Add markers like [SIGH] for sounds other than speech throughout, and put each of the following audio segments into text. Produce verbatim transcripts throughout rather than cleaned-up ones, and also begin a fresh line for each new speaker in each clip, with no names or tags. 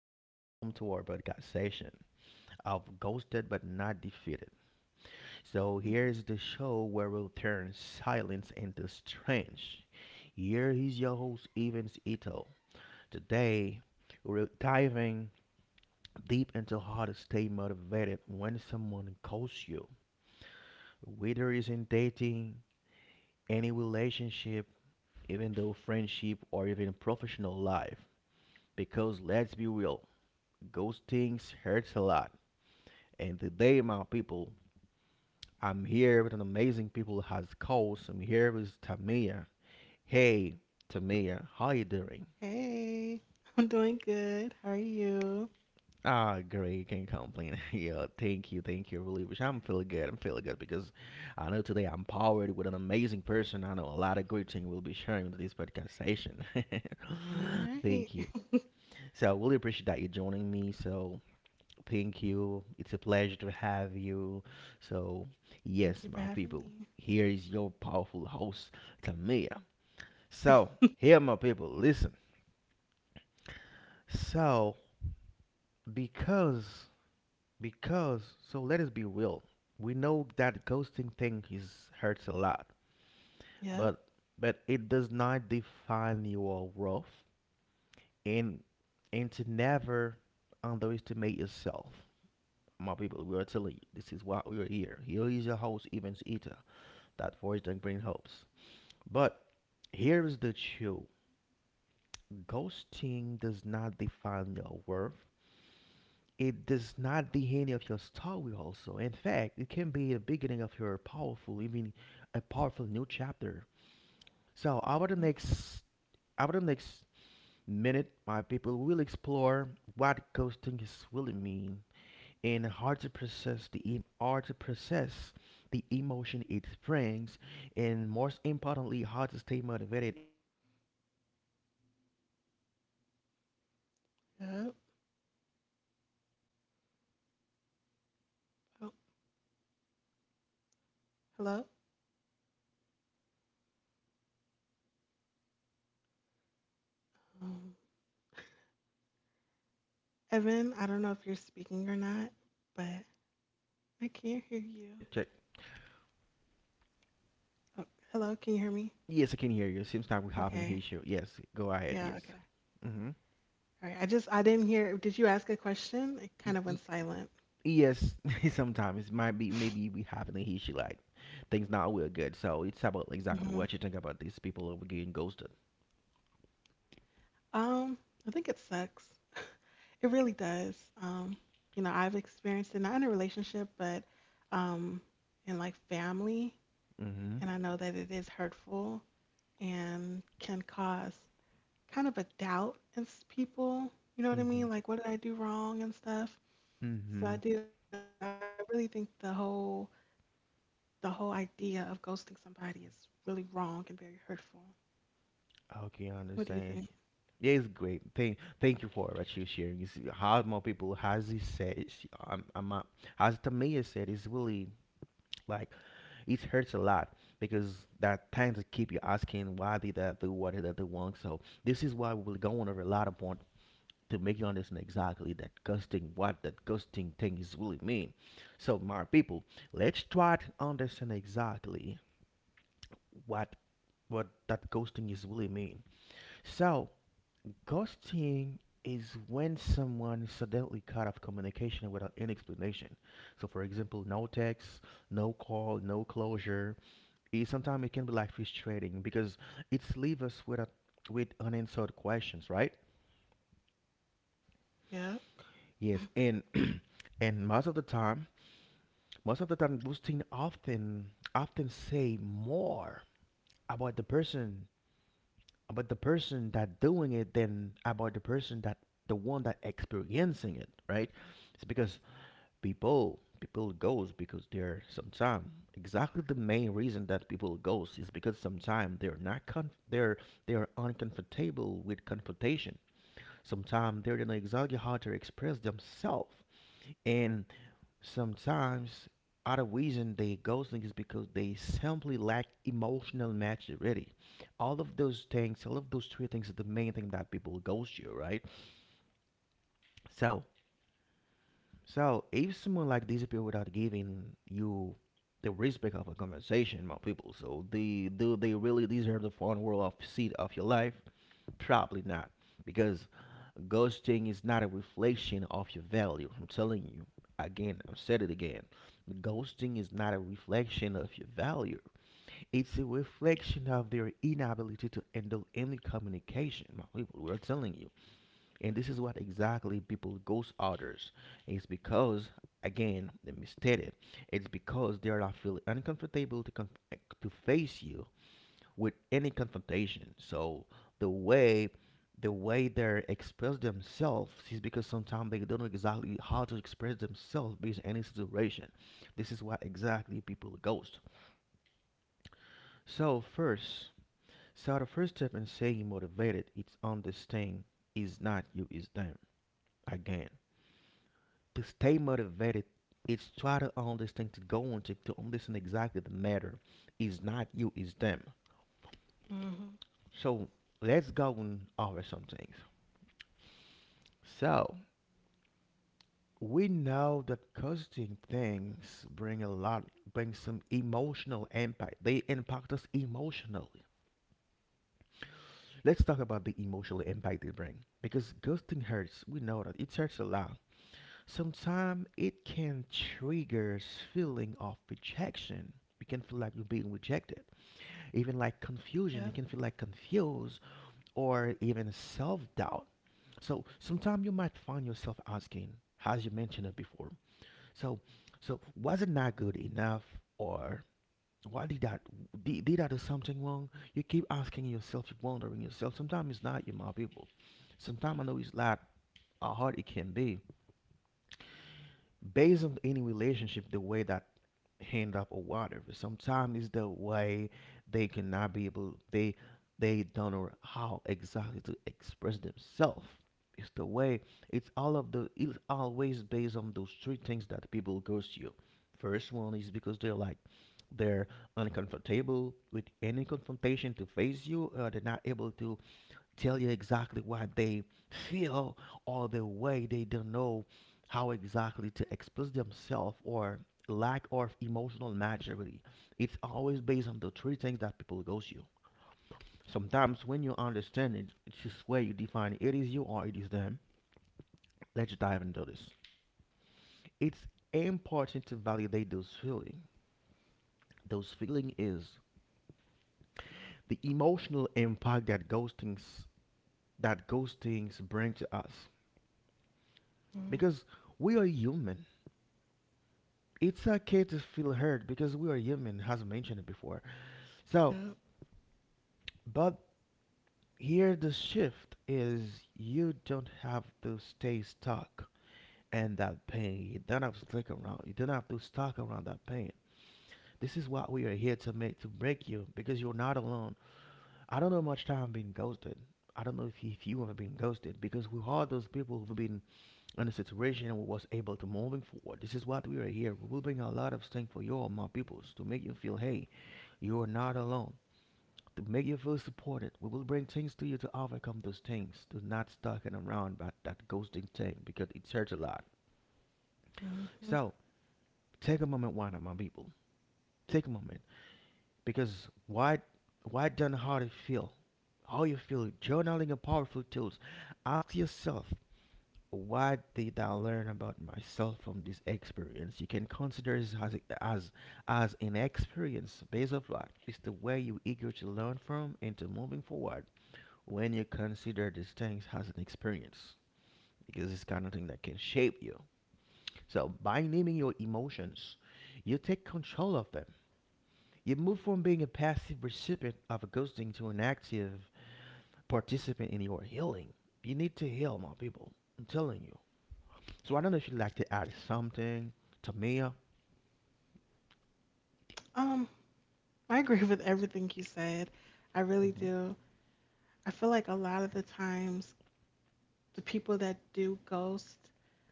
welcome to our podcast session of Ghosted but Not Defeated. So, here is the show where we'll turn silence into strength. Here is your host, Evans Ito. Today, we're diving deep into how to stay motivated when someone ghosts you, whether it's in dating, any relationship, even though friendship, or even professional life. Because let's be real, those things hurts a lot. And today, my people, I'm here with an amazing people has calls. I'm here with Tamia. Hey, Tamia, how are you doing?
Hey, [LAUGHS] I'm doing good. How are you?
Ah, oh, great. Can't complain. [LAUGHS] Yeah, thank you, thank you. Really wish I'm feeling good. I'm feeling good because I know today I'm powered with an amazing person. I know a lot of great things we'll be sharing in this podcast session.
All
[LAUGHS]
right.
Thank you.
[LAUGHS]
So I really appreciate that you joining me. So Thank you. It's a pleasure to have you. So,
Thank
yes,
you for
my people,
having
here is your powerful host, Tamia.
me.
So,
[LAUGHS]
here, my people, listen. So, because, because, so let us be real. We know that ghosting thing is hurts a lot,
Yep.
but but it does not define your worth, and and to never underestimate yourself. My people, we are telling you, this is why we are here. Here is your host, Evans Ita. That voice doesn't bring hopes. But here's the truth, ghosting does not define your worth. It does not the end of your story, also. In fact, it can be the beginning of your powerful, even a powerful new chapter. So, over the
Mhm.
next, over the next minute, my people will explore what ghosting is really mean, and hard to process the em- hard to process the emotion it brings, and most importantly, how to stay motivated and move forward with confidence. So my people, settle in. So before we dive
Yep.
into a lot of corporate bonds, so I don't know if we actually think about our our topic,
Oh,
our topic, Tamia,
hello.
how people got ghosted, whatever. So what you think about this?
Um, Evan, I don't know if you're speaking or not, but I
Hello,
can't hear
yes,
you.
check, check.
Oh, hello, can you hear me?
Yes, I can hear you. Seems like we're having
Okay.
issue. Yes, go ahead.
Yeah,
Yes.
okay.
Mm-hmm.
All right. I just I didn't hear. Did you ask a question? It kind of went silent.
Yes, [LAUGHS] sometimes it might be maybe
[LAUGHS]
we having an issue like things not real good. So it's about exactly
hmm
what you think about these people over getting ghosted.
Um, I think it sucks. [LAUGHS] It really does. Um, you know, I've experienced it not in a relationship, but um, in like family,
Mhm.
and I know that it is hurtful and can cause kind of a doubt in s- people. You know what I
Mhm.
mean? Like, what did I do wrong and stuff. So I
Mhm.
do. I really think the whole the whole idea of ghosting somebody is really wrong and very hurtful.
Okay,
What
I
do you think?
understand. Yeah, it's great. Thank, thank you for what you're sharing. You see, how more people has he said? It's, um, I'm, uh, as Tamia said, it's really like it hurts a lot because that tends to keep you asking why did that do what did that do wrong. So this is why we're going over a lot of points, to make you understand exactly that ghosting what that ghosting thing is really mean. So my people, let's try to understand exactly what what that ghosting is really mean. So ghosting is when someone suddenly cut off communication without any explanation. So for example, no text, no call, no closure. It, sometimes it can be like frustrating because it's leave us with a, with unanswered questions, right?
Yeah.
Yes, and [CLEARS THROAT] and most of the time most of the time those things often often say more about the person about the person that doing it, than about the person that the one that experiencing it, right. It's because people people goes because they're sometimes, exactly the main reason that people goes is because sometimes they're not con- they're they're uncomfortable with confrontation, sometimes they don't know exactly how to express themselves, and sometimes out of reason they ghosting is because they simply lack emotional maturity. All of those things, all of those three things are the main thing that people ghost you, right? So so if someone like disappear without giving you the respect of a conversation, my people, so they do they really deserve the fun world of seat of your life? Probably not, because ghosting is not a reflection of your value. I'm telling you again, I've said it again. Ghosting is not a reflection of your value, it's a reflection of their inability to handle any communication. My people, we're telling you. And this is what exactly people ghost others. It's because, again, let me state it, it's because they are not feeling uncomfortable to, com- to face you with any confrontation. So the way the way they express themselves is because sometimes they don't know exactly how to express themselves based on any situation. This is why exactly people ghost. So first, so the first step in staying motivated is understanding is not you, is them. Again, to stay motivated, it's try to understand to go on to, to understand exactly the matter is not you, is them.
Mhm.
So let's go on over some things. So we know that costing things bring a lot, bring some emotional impact. They impact us emotionally. Let's talk about the emotional impact they bring, because ghosting hurts. We know that it hurts a lot. Sometimes it can trigger feeling of rejection. You can feel like you're being rejected, even like confusion. You
Yep.
can feel like confused, or even self-doubt. So sometimes you might find yourself asking, as you mentioned it before. So, so was it not good enough, or why did that? Did, did I do something wrong? You keep asking yourself, you wondering yourself. Sometimes it's not you, my people. Sometimes I know it's not how hard it can be, based on any relationship, the way that hand up or whatever. Sometimes it's the way they cannot be able, they they don't know how exactly to express themselves. It's the way it's all of the it's always based on those three things that people goes to you. First one is because they're like, they're uncomfortable with any confrontation to face you, or they're not able to tell you exactly what they feel, or the way they don't know how exactly to express themselves, or lack of emotional maturity. It's always based on the three things that people go through. Sometimes when you understand it, it's just where you define it. It is you or it is them. Let's dive into this. It's important to validate those feelings. Those feeling is the emotional impact that ghostings that ghostings bring to us,
Mm.
because we are human. It's okay to feel hurt because we are human, as mentioned before. So,
Yep.
but here the shift is, you don't have to stay stuck in that pain. You don't have to stick around. You don't have to stuck around that pain. This is what we are here to make to break you, because you're not alone. I don't know much time being ghosted. I don't know if you, if you have been ghosted, because we are those people who've been in a situation and we was able to moving forward. This is what we are here. We will bring a lot of strength for you, all my peoples, to make you feel, hey, you are not alone. To make you feel supported, we will bring things to you to overcome those things. Do not stalking around about that ghosting thing because it hurts a lot.
Mhm.
So take a moment, why not, my people? Take a moment, because why, why don't how to feel? How you feel? Journaling are powerful tools. Ask yourself, what did I learn about myself from this experience? You can consider this as as as an experience based on what is the way you eager to learn from and to moving forward. When you consider these things as an experience, because it's kind of thing that can shape you. So by naming your emotions, you take control of them. You move from being a passive recipient of a ghosting to an active participant in your healing. You need to heal, my people. I'm telling you. So I don't know if you'd like to add something to me.
Um, I agree with everything you said. I really
Mm-hmm.
do. I feel like a lot of the times the people that do ghost,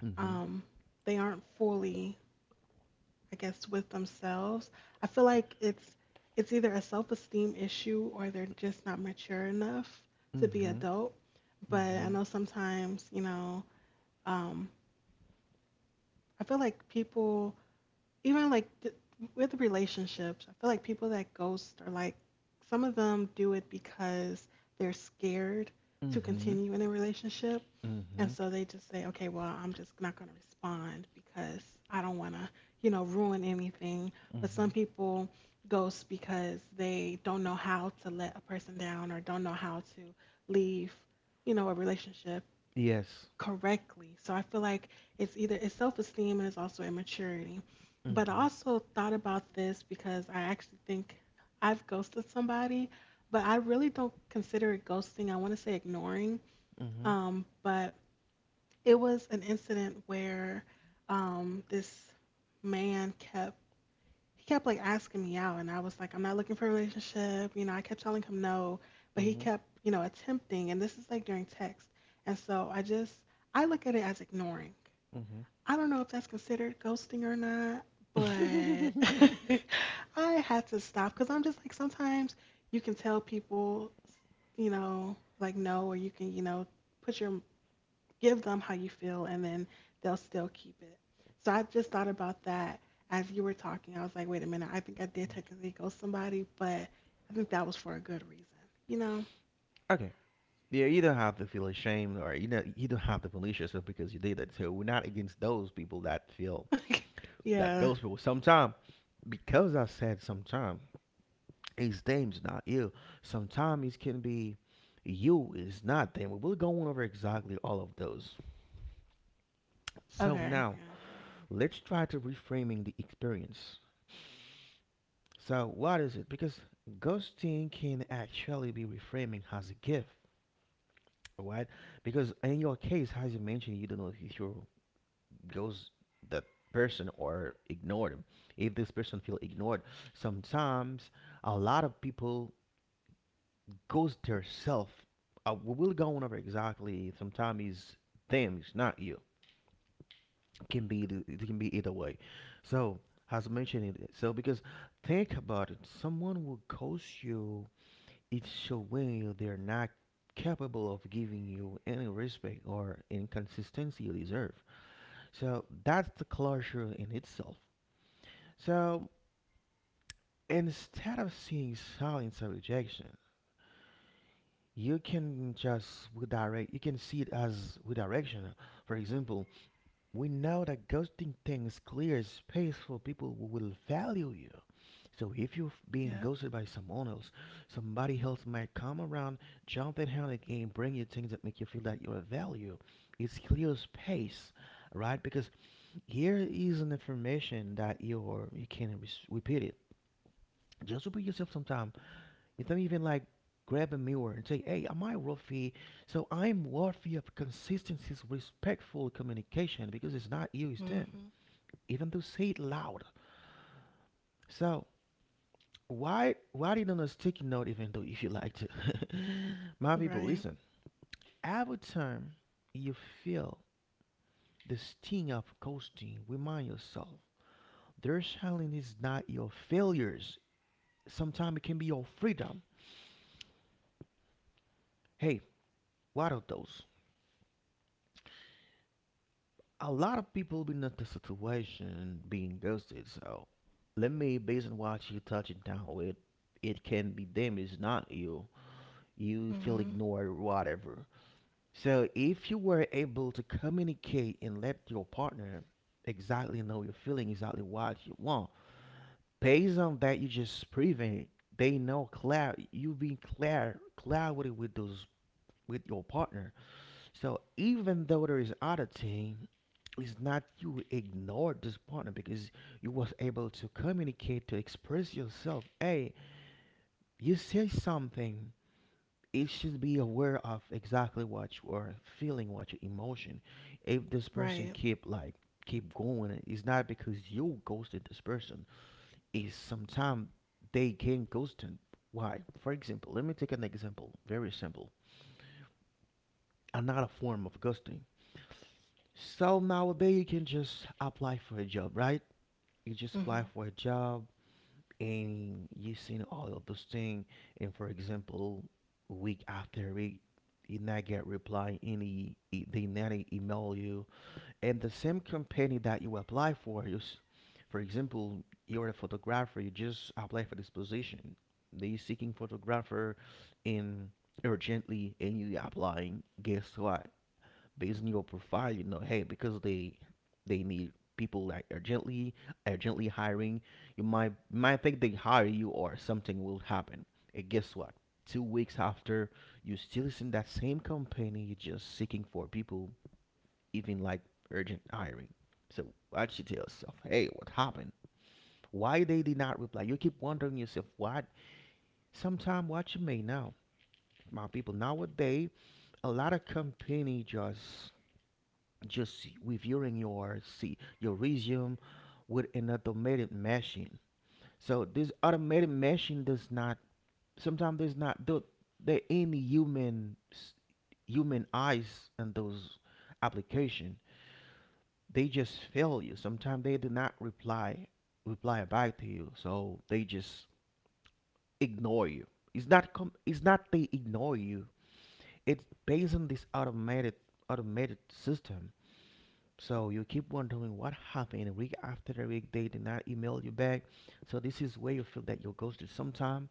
Mm-hmm.
um, they aren't fully, I guess, with themselves. I feel like it's it's either a self-esteem issue or they're just not mature enough to be
Mm-hmm.
adult. But
Mm-hmm.
I know sometimes, you know, um, I feel like people even like th- with relationships, I feel like people that ghost are like some of them do it because they're scared to
Mm-hmm.
continue in a relationship. And
Mm-hmm.
so they just say, okay, well, I'm just not going to respond because I don't want to, you know, ruin anything. But
Mm-hmm.
some people ghost because they don't know how to let a person down or don't know how to leave, you know, a relationship
Yes.
correctly. So I feel like it's either it's self-esteem and it's also immaturity. But I
Mm-hmm.
also thought about this because I actually think I've ghosted somebody, but I really don't consider it ghosting. I want to say ignoring.
Mm-hmm.
Um, but it was an incident where um, this man kept he kept like asking me out and I was like, I'm not looking for a relationship. You know, I kept telling him no, but he kept, you know, attempting and this is like during text. And so I just I look at it as ignoring.
Mm-hmm.
I don't know if that's considered ghosting or not, but
Mm-hmm. [LAUGHS]
[LAUGHS] I had to stop cuz I'm just like sometimes you can tell people, you know, like no or you can, you know, put your give them how you feel and then they'll still keep it. So I just thought about that as you were talking. I was like, wait a minute, I think I did technically ghost somebody, but I think that was for a good reason, you know?
Okay. Yeah, you don't have to feel ashamed, or you know you don't have to punish yourself because you did it. So we're not against those people that feel
[LAUGHS]
that
Yeah.
those people. Sometimes, because I said sometimes it's them, it's not you. Sometimes it can be you, it's not them. We're going over exactly all of those. So
Okay.
now
Yeah.
let's try to reframing the experience. So what is it? Because ghosting can actually be reframing as a gift, right? Because in your case, as you mentioned, you don't know if you're goes that person or ignore them if this person feel ignored sometimes a lot of people goes their self uh, we will go on over exactly sometimes it's them it's not you can be the- it can be either way so as mentioned it so because think about it someone will ghost you. It's showing you they're not capable of giving you any respect or inconsistency you deserve, so that's the closure in itself. So instead of seeing silence or rejection, you can just redirect, you can see it as redirection. For example, we know that ghosting things clears space for people who will value you. So if you're being
Yep.
ghosted by someone else, somebody else might come around, jump in hand again, bring you things that make you feel that you're of value. It's clear space, right? Because here is an information that you're, you can re- repeat it. Just repeat yourself sometime. If them even like grab a mirror and say, "Hey, am I worthy?" So I'm worthy of consistency, respectful communication because it's not you, it's them.
Mhm.
Even though say it loud. So why why it on a sticky note? Even though if you like to, [LAUGHS] my people,
Right.
listen. Every time you feel the sting of ghosting, remind yourself their challenge is not your failures. Sometimes it can be your freedom. Hey, what are those? A lot of people been in this situation being ghosted. So let me based on what you touching down with, it can be them, it's not you. You feel
Mhm.
ignored, or whatever. So if you were able to communicate and let your partner exactly know your feeling, exactly what you want, based on that, you just prevent. They know clear. You being clear, clarity with those with your partner, so even though there is oddity, it's not you ignored this partner because you was able to communicate to express yourself. Hey, you say something. It should be aware of exactly what you are feeling, what your emotion. If this person
Right.
keep like keep going, it's not because you ghosted this person. It's sometimes they get ghosted. Why? For example, let me take an example. Very simple. Another form of ghosting. So nowadays you can just apply for a job, right? You just apply
Mhm.
for a job and you seen all of those things, and for example week after week you not get reply any e- they not e- email you, and the same company that you apply for you s- for example you're a photographer, you just apply for this position, they seeking photographer in urgently and you applying, guess what, based on your profile, you know, hey, because they they need people like urgently, urgently hiring, you might might think they hire you or something will happen. And guess what? Two weeks after, you still in that same company, just seeking for people, even like urgent hiring. So actually tell yourself, hey, what happened? Why they did not reply? You keep wondering yourself, what? Sometime what you may know, my people nowadays, a lot of company just just reviewing your see your resume with an automated machine. So this automated machine does not sometimes there's not do there any human s- human eyes in those application. They just fail you. Sometimes they do not reply reply back to you. So they just ignore you. It's not com- it's not they ignore you. It's based on this automated automated system. So you keep wondering what happened week after week they did not email you back. So this is where you feel that you're ghosted sometime.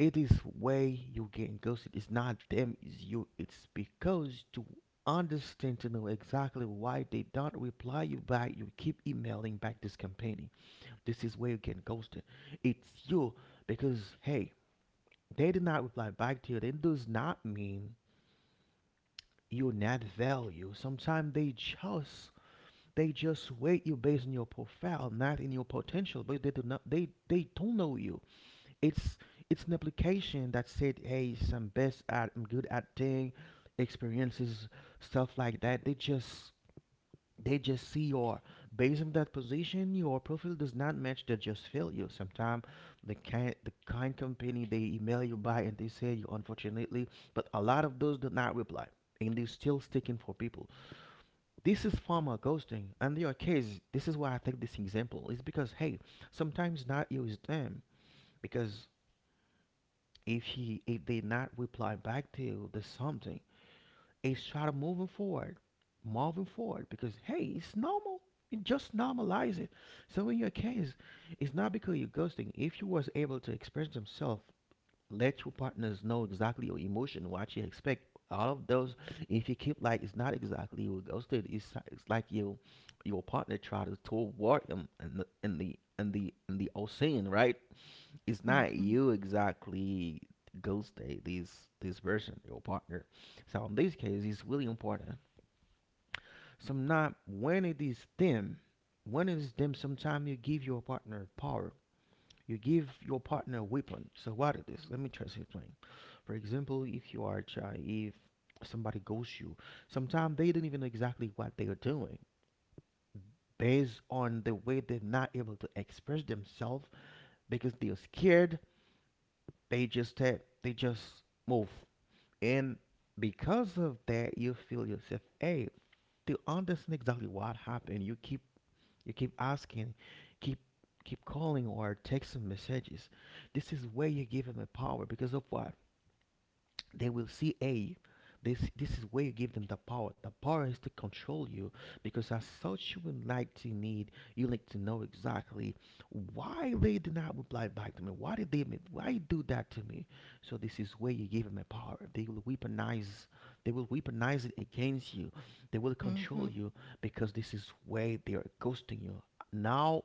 It is where you get ghosted. It's not them, it's you. It's because to understand to know exactly why they don't reply you back, you keep emailing back this company. This is where you get ghosted. It's you because hey, they did not reply back to you. That does not mean you're not value. Sometimes they just they just weight you based on your profile, not in your potential. But they do not. They they don't know you. It's it's an application that said, "Hey, some best at I'm good at thing, experiences, stuff like that." They just they just see your based on that position. Your profile does not match. They just fail you. Sometimes the kind the kind company they email you by and they say you unfortunately, but a lot of those do not reply and they're still sticking for people. This is formal ghosting, and in your case this is why I take this example is because hey, sometimes not use them because if he if they not reply back to you there's something. It's try to moving forward moving forward because hey it's normal, it just normalize it. So in your case it's not because you're ghosting if you was able to express themselves, let your partners know exactly your emotion, what you expect. All of those, if you keep like it's not exactly you ghosted, it's, it's like you, your partner try to toward him in the in the in the in the ocean, right? It's not
Mhm.
you exactly ghosted this this person, your partner. So in this case, it's really important. So not when it is them, when it is them, sometimes you give your partner power, you give your partner a weapon. So what it is? Let me try to explain. For example, if you are a child, if somebody ghosts you, sometimes they don't even know exactly what they are doing based on the way they're not able to express themselves because they're scared. They just ta- they just move, and because of that, you feel yourself. Hey, to understand exactly what happened, you keep you keep asking, keep keep calling or texting messages. This is where you give him the power because of what? They will see hey this this is where you give them the power, the power is to control you because as such you would like to need you like to know exactly why they did not reply back to me, why did they, why you do that to me. So this is where you give them the power. They will weaponize they will weaponize it against you, they will control
Mhm.
you because this is where they are ghosting you now,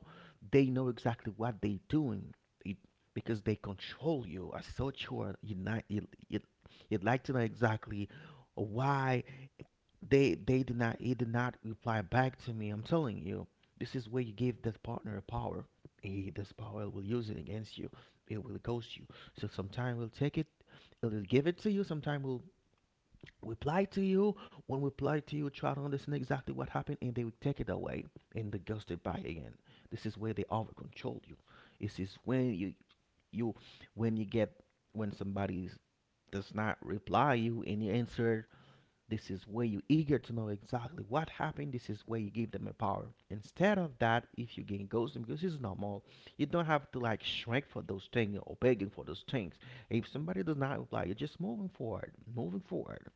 they know exactly what they're doing it, because they control you as such you are uni- you, you, you'd like to know exactly why they they did not he did not reply back to me. I'm telling you, this is where you give that partner power. He, this power will use it against you. It will ghost you. So sometime we'll take it, it'll give it to you. Sometime we'll reply to you. When we reply to you, try to understand exactly what happened, and they will take it away and they ghost it back again. This is where they over control you. This is when you you when you get when somebody does not reply you and you answer, this is where you're eager to know exactly what happened. This is where you give them a power. Instead of that, if you gain ghosting, because it's normal, you don't have to like shrink for those things or begging for those things. If somebody does not reply, you're just moving forward, moving forward.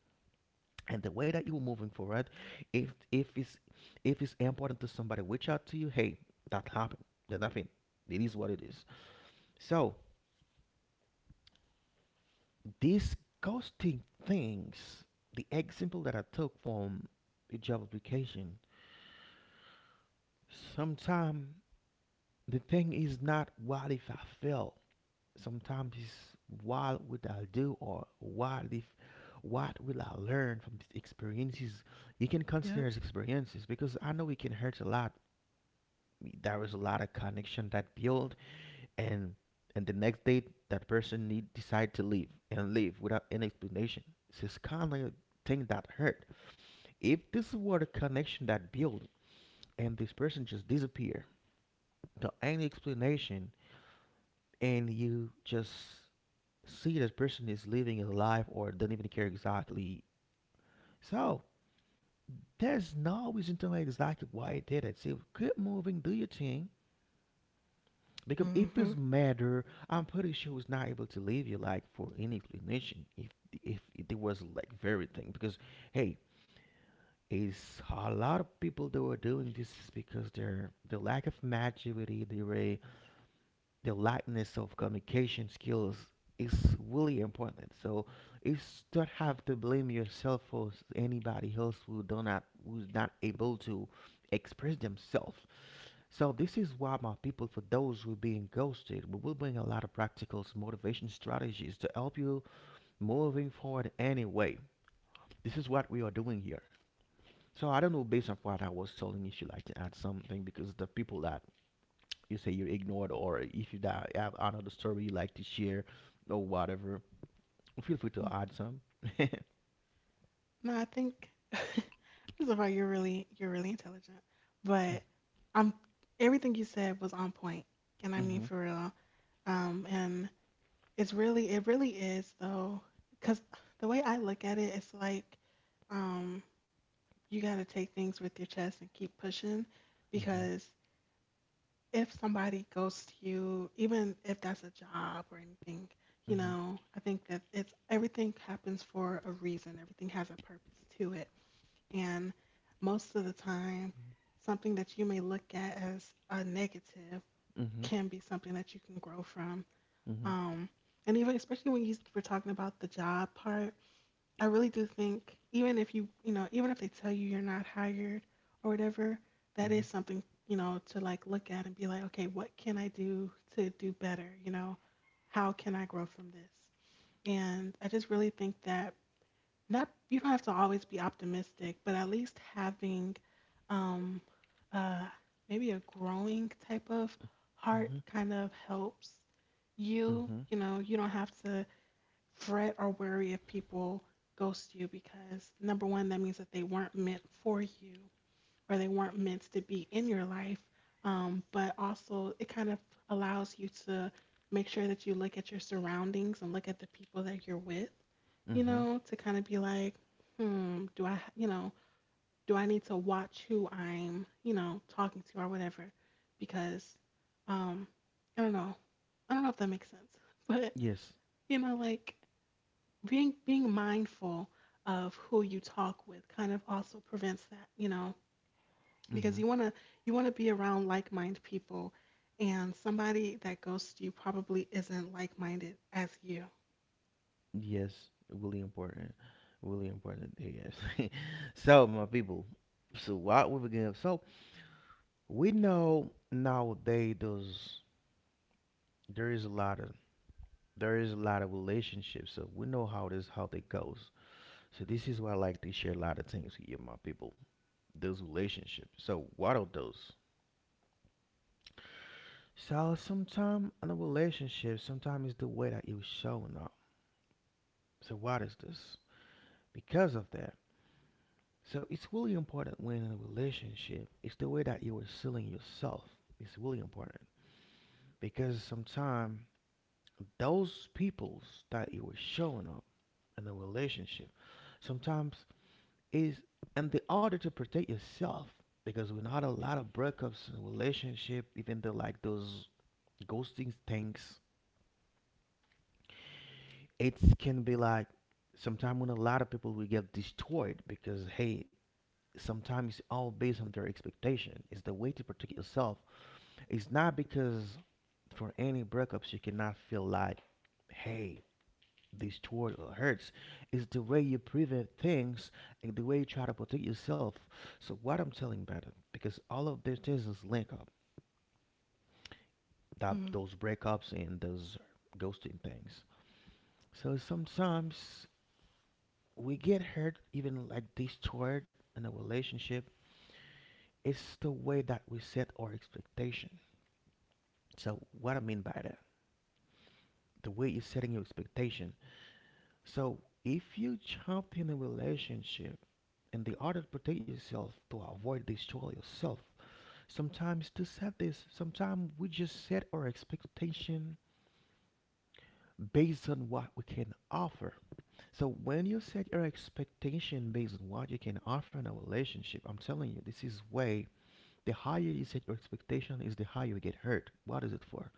And the way that you're moving forward, if if it's if it's important to somebody, reach out to you. Hey, that happened. There's nothing. It is what it is. So these ghosting things, the example that I took from the job application. Sometimes the thing is not what if I fail. Sometimes it's what would I do or what if what will I learn from these experiences? You can consider
Yep.
as experiences because I know it can hurt a lot. There is a lot of connection that build and and the next day that person need decide to leave and leave without any explanation. So it's this kind of thing that hurt. If this were the connection that built and this person just disappear without any explanation, and you just see this person is living a life or doesn't even care exactly. So there's no reason to know exactly why it did it. So keep moving, do your thing. Because if it's
Mhm.
matter, I'm pretty sure it's not able to leave you like for any explanation. If if it was like very thing, because hey, it's a lot of people that were doing this is because their the lack of maturity, they were the lightness of communication skills is really important. So you don't have to blame yourself for s- anybody else who do not who's not able to express themselves. So this is why my people, for those who are being ghosted, we will bring a lot of practical s- motivation strategies to help you moving forward anyway. This is what we are doing here. So I don't know based on what I was telling if you like to add something because the people that you say you're ignored or if you die, have another story you like to share or whatever, feel free to
Mhm.
add some. [LAUGHS]
No, I think [LAUGHS] first of all, you're really you're really intelligent, but I'm everything you said was on point, and I mean
Mhm,
for real. Um, and it's really, it really is though, because the way I look at it, it's like, um, you got to take things with your chest and keep pushing
mhm,
because if somebody ghosts you, even if that's a job or anything, you
mhm,
know, I think that it's everything happens for a reason, everything has a purpose to it. And most of the time, something that you may look at as a negative
mhm,
can be something that you can grow from,
mhm,
um, and even especially when you were talking about the job part, I really do think even if you you know even if they tell you you're not hired or whatever, that
mhm,
is something you know to like look at and be like, okay, what can I do to do better? You know, how can I grow from this? And I just really think that not you don't have to always be optimistic, but at least having um uh maybe a growing type of heart
mhm,
kind of helps you
mhm,
you know you don't have to fret or worry if people ghost you because number one that means that they weren't meant for you or they weren't meant to be in your life, um, but also it kind of allows you to make sure that you look at your surroundings and look at the people that you're with you
mhm.
know to kind of be like hmm do I you know do I need to watch who I'm you know talking to or whatever because um i don't know i don't know if that makes sense [LAUGHS] but
Yes.
you know like being being mindful of who you talk with kind of also prevents that you know
Mm-hmm.
because you want to you want to be around like-minded people and somebody that ghosts you probably isn't like-minded as you.
Yes. Really important. Really important. Yes. [LAUGHS] So, my people. So, what we begin. So, we know nowadays there's there is a lot of there is a lot of relationships. So we know how this how they goes. So this is why I like to share a lot of things with my people. Those relationships. So what are those? So sometimes in a relationship, sometimes it's the way that you're showing up. So what is this? Because of that. So it's really important when in a relationship, it's the way that you are selling yourself. It's really important because sometimes those peoples that you are showing up in a relationship, sometimes is in the order to protect yourself because we are not a lot of breakups in relationship even though like those ghosting things it can be like sometimes when a lot of people will get destroyed because hey sometimes it's all based on their expectation, it's the way to protect yourself. It's not because for any breakups you cannot feel like, hey, this total hurts is the way you prevent things and the way you try to protect yourself. So what I'm telling about it, because all of these things is linked up, that
Mm.
those breakups and those ghosting things. So sometimes we get hurt, even like this toward in a relationship. It's the way that we set our expectation. So what I mean by that, the way you're setting your expectation. So if you jump in a relationship and the order to protect yourself to avoid destroy yourself. Sometimes to set this, sometimes we just set our expectation based on what we can offer. So when you set your expectation based on what you can offer in a relationship, I'm telling you, this is way the higher you set your expectation is the higher you get hurt. What is it for?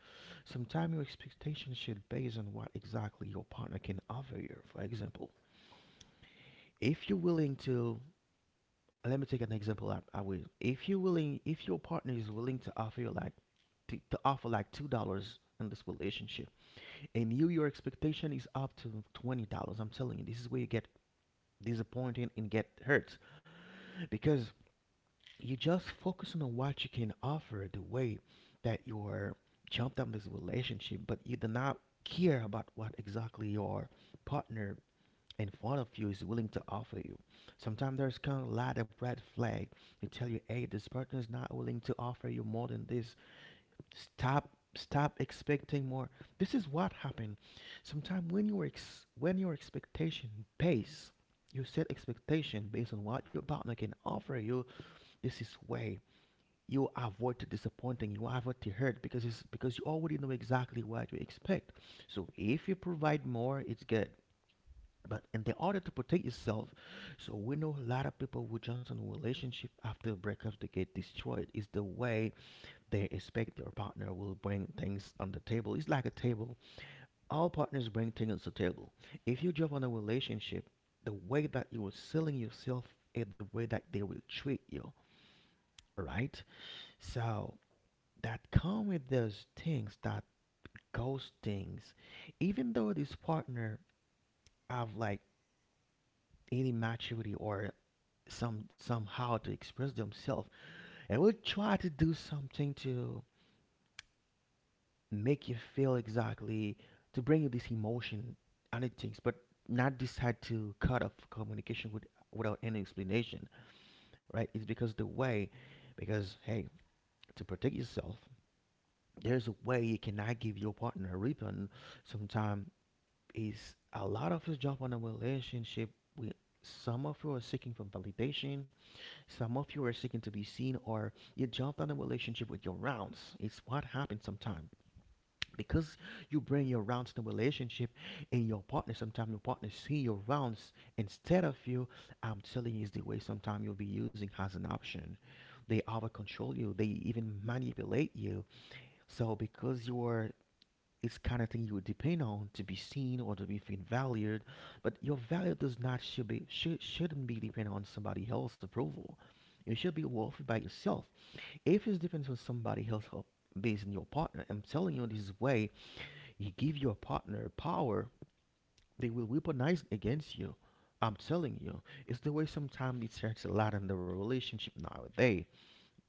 Sometimes your expectation should be based on what exactly your partner can offer you. For example, if you're willing to, let me take an example, like I will, if you willing, if your partner is willing to offer you like to, to offer like two dollars in this relationship and you your expectation is up to twenty dollars, I'm telling you this is where you get disappointed and get hurt because you just focusing on what you can offer, the way that you're jumped on this relationship, but you do not care about what exactly your partner in front of you is willing to offer you. Sometimes there's kind of a lot of red flag. They tell you, hey, this partner is not willing to offer you more than this. Stop, stop expecting more. This is what happened. Sometimes when your ex- when your expectation base you set expectation based on what your partner can offer you, this is way you avoid the disappointing, you avoid the hurt because it's because you already know exactly what you expect. So if you provide more, it's good. But in the order to protect yourself, so we know a lot of people who jump into a relationship after breakups they get destroyed. It's the way they expect their partner will bring things on the table. It's like a table. All partners bring things to the table. If you jump on a relationship, the way that you are selling yourself is the way that they will treat you, right? So that come with those things that ghost things. Even though this partner have like any maturity or some somehow to express themselves and will try to do something to make you feel exactly to bring you this emotion and it things but not decide to cut off communication with, without any explanation, right? It's because the way, because hey, to protect yourself, there's a way you cannot give your partner a refund. Sometimes is a lot of us jump on a relationship with, some of you are seeking for validation. Some of you are seeking to be seen, or you jumped on a relationship with your rounds. It's what happens sometimes. Because you bring your rounds to relationship and your partner, sometimes your partner see your rounds instead of you. I'm telling you, it's the way sometimes you'll be using as an option. They over control you, they even manipulate you. So because you are, it's kind of thing you would depend on to be seen or to be feel valued, but your value does not should be should, shouldn't be dependent on somebody else's approval. You should be worthy by yourself. If it depends on somebody else based on your partner, I'm telling you this way, you give your partner power, they will weaponize against you. I'm telling you, it's the way sometimes it starts a lot in the relationship nowadays.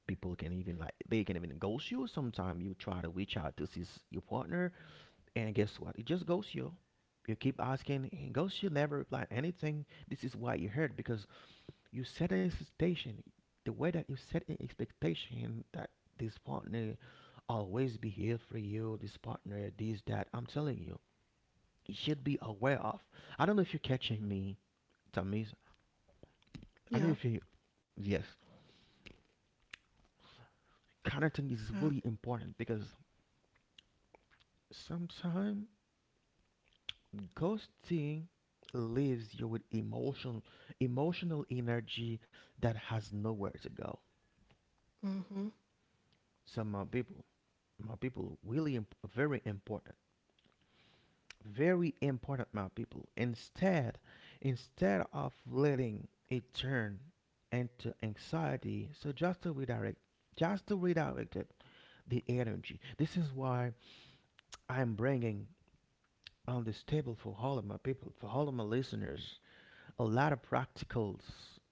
People can even like they can even ghost you. Sometimes you try to reach out to see your partner, and guess what? It just goes you. You keep asking, and goes you never reply anything. This is why you hurt because you set an expectation. The way that you set an expectation that this partner always be here for you, this partner, this, that. I'm telling you, you should be aware of. I don't know if you're catching me, Tamiz. I don't know
Yeah.
if you, yes, kind of thing is
Yeah.
really important because sometimes ghosting leaves you with emotion, emotional energy that has nowhere to go.
Mm-hmm.
So my people, my people, really imp- very important, very important, my people. Instead, instead of letting it turn into anxiety, so just to redirect, just to redirect it, the energy. This is why I'm bringing on this table for all of my people, for all of my listeners, a lot of practical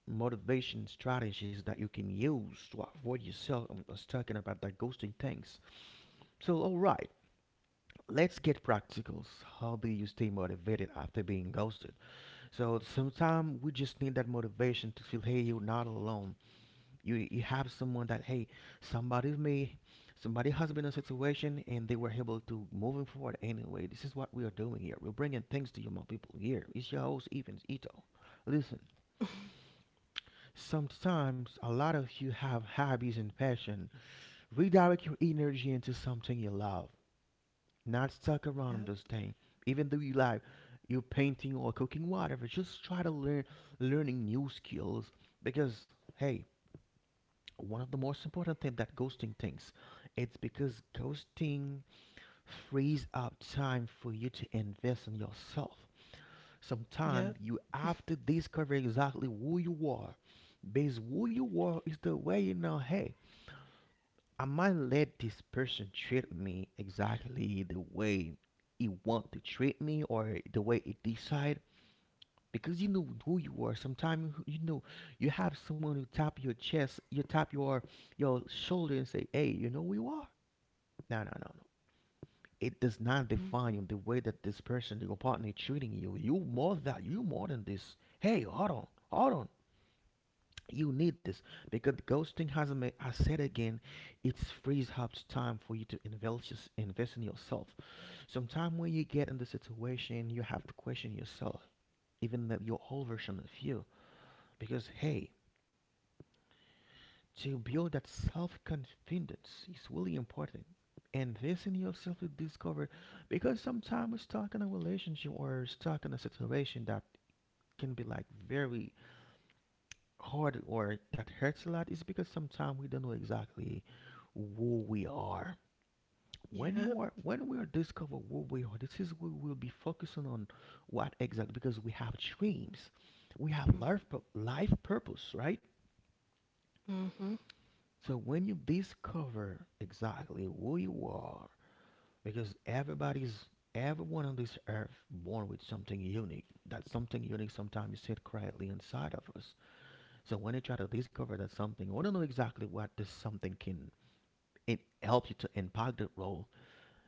motivation strategies that you can use to avoid yourself. I was talking about that ghosting things. So, all right, let's get practicals. How do you stay motivated after being ghosted? So, sometimes we just need that motivation to feel, hey, you're not alone. You you have someone that, hey, somebody's me. Somebody has been in a situation and they were able to move forward anyway. This is what we are doing here. We're bringing things to you, my people. Here, it's your host, Evans Ito. Listen,
[LAUGHS]
sometimes a lot of you have hobbies and passion. Redirect your energy into something you love, not stuck around on
Yep.
those things. Even though you like you painting or cooking, whatever, just try to learn learning new skills because hey, one of the most important thing that ghosting thinks it's because ghosting frees up time for you to invest in yourself. Sometimes
Yep.
you have to discover exactly who you are. Because who you are is the way you know, hey, I might let this person treat me exactly the way he want to treat me or the way he decide because you know who you are. Sometimes you know you have someone who tap your chest, you tap your your shoulder and say, "Hey, you know who you are." No, no, no, no. It does not define you
Hmm.
the way that this person, your partner, treating you. You more that you more than this. Hey, hold on, hold on. You need this because ghosting has a ma- has said again, it frees up time for you to invest yours- invest in yourself. Sometime when you get in the situation, you have to question yourself, even that your whole version of you, because hey, to build that self confidence is really important. Invest in yourself to discover, because sometimes we're stuck in a relationship or stuck in a situation that can be like very hard or that hurts a lot is because sometimes we don't know exactly who we are. When you
Yep.
are, when we are discover who we are, this is we will be focusing on what exactly because we have dreams, we have
Hmm.
life pur- life purpose, right?
Hmm.
So when you discover exactly who you are, because everybody's everyone on this earth born with something unique. That something unique sometimes is said quietly inside of us. So when you try to discover that something, or don't know exactly what this something can it help you to impact the role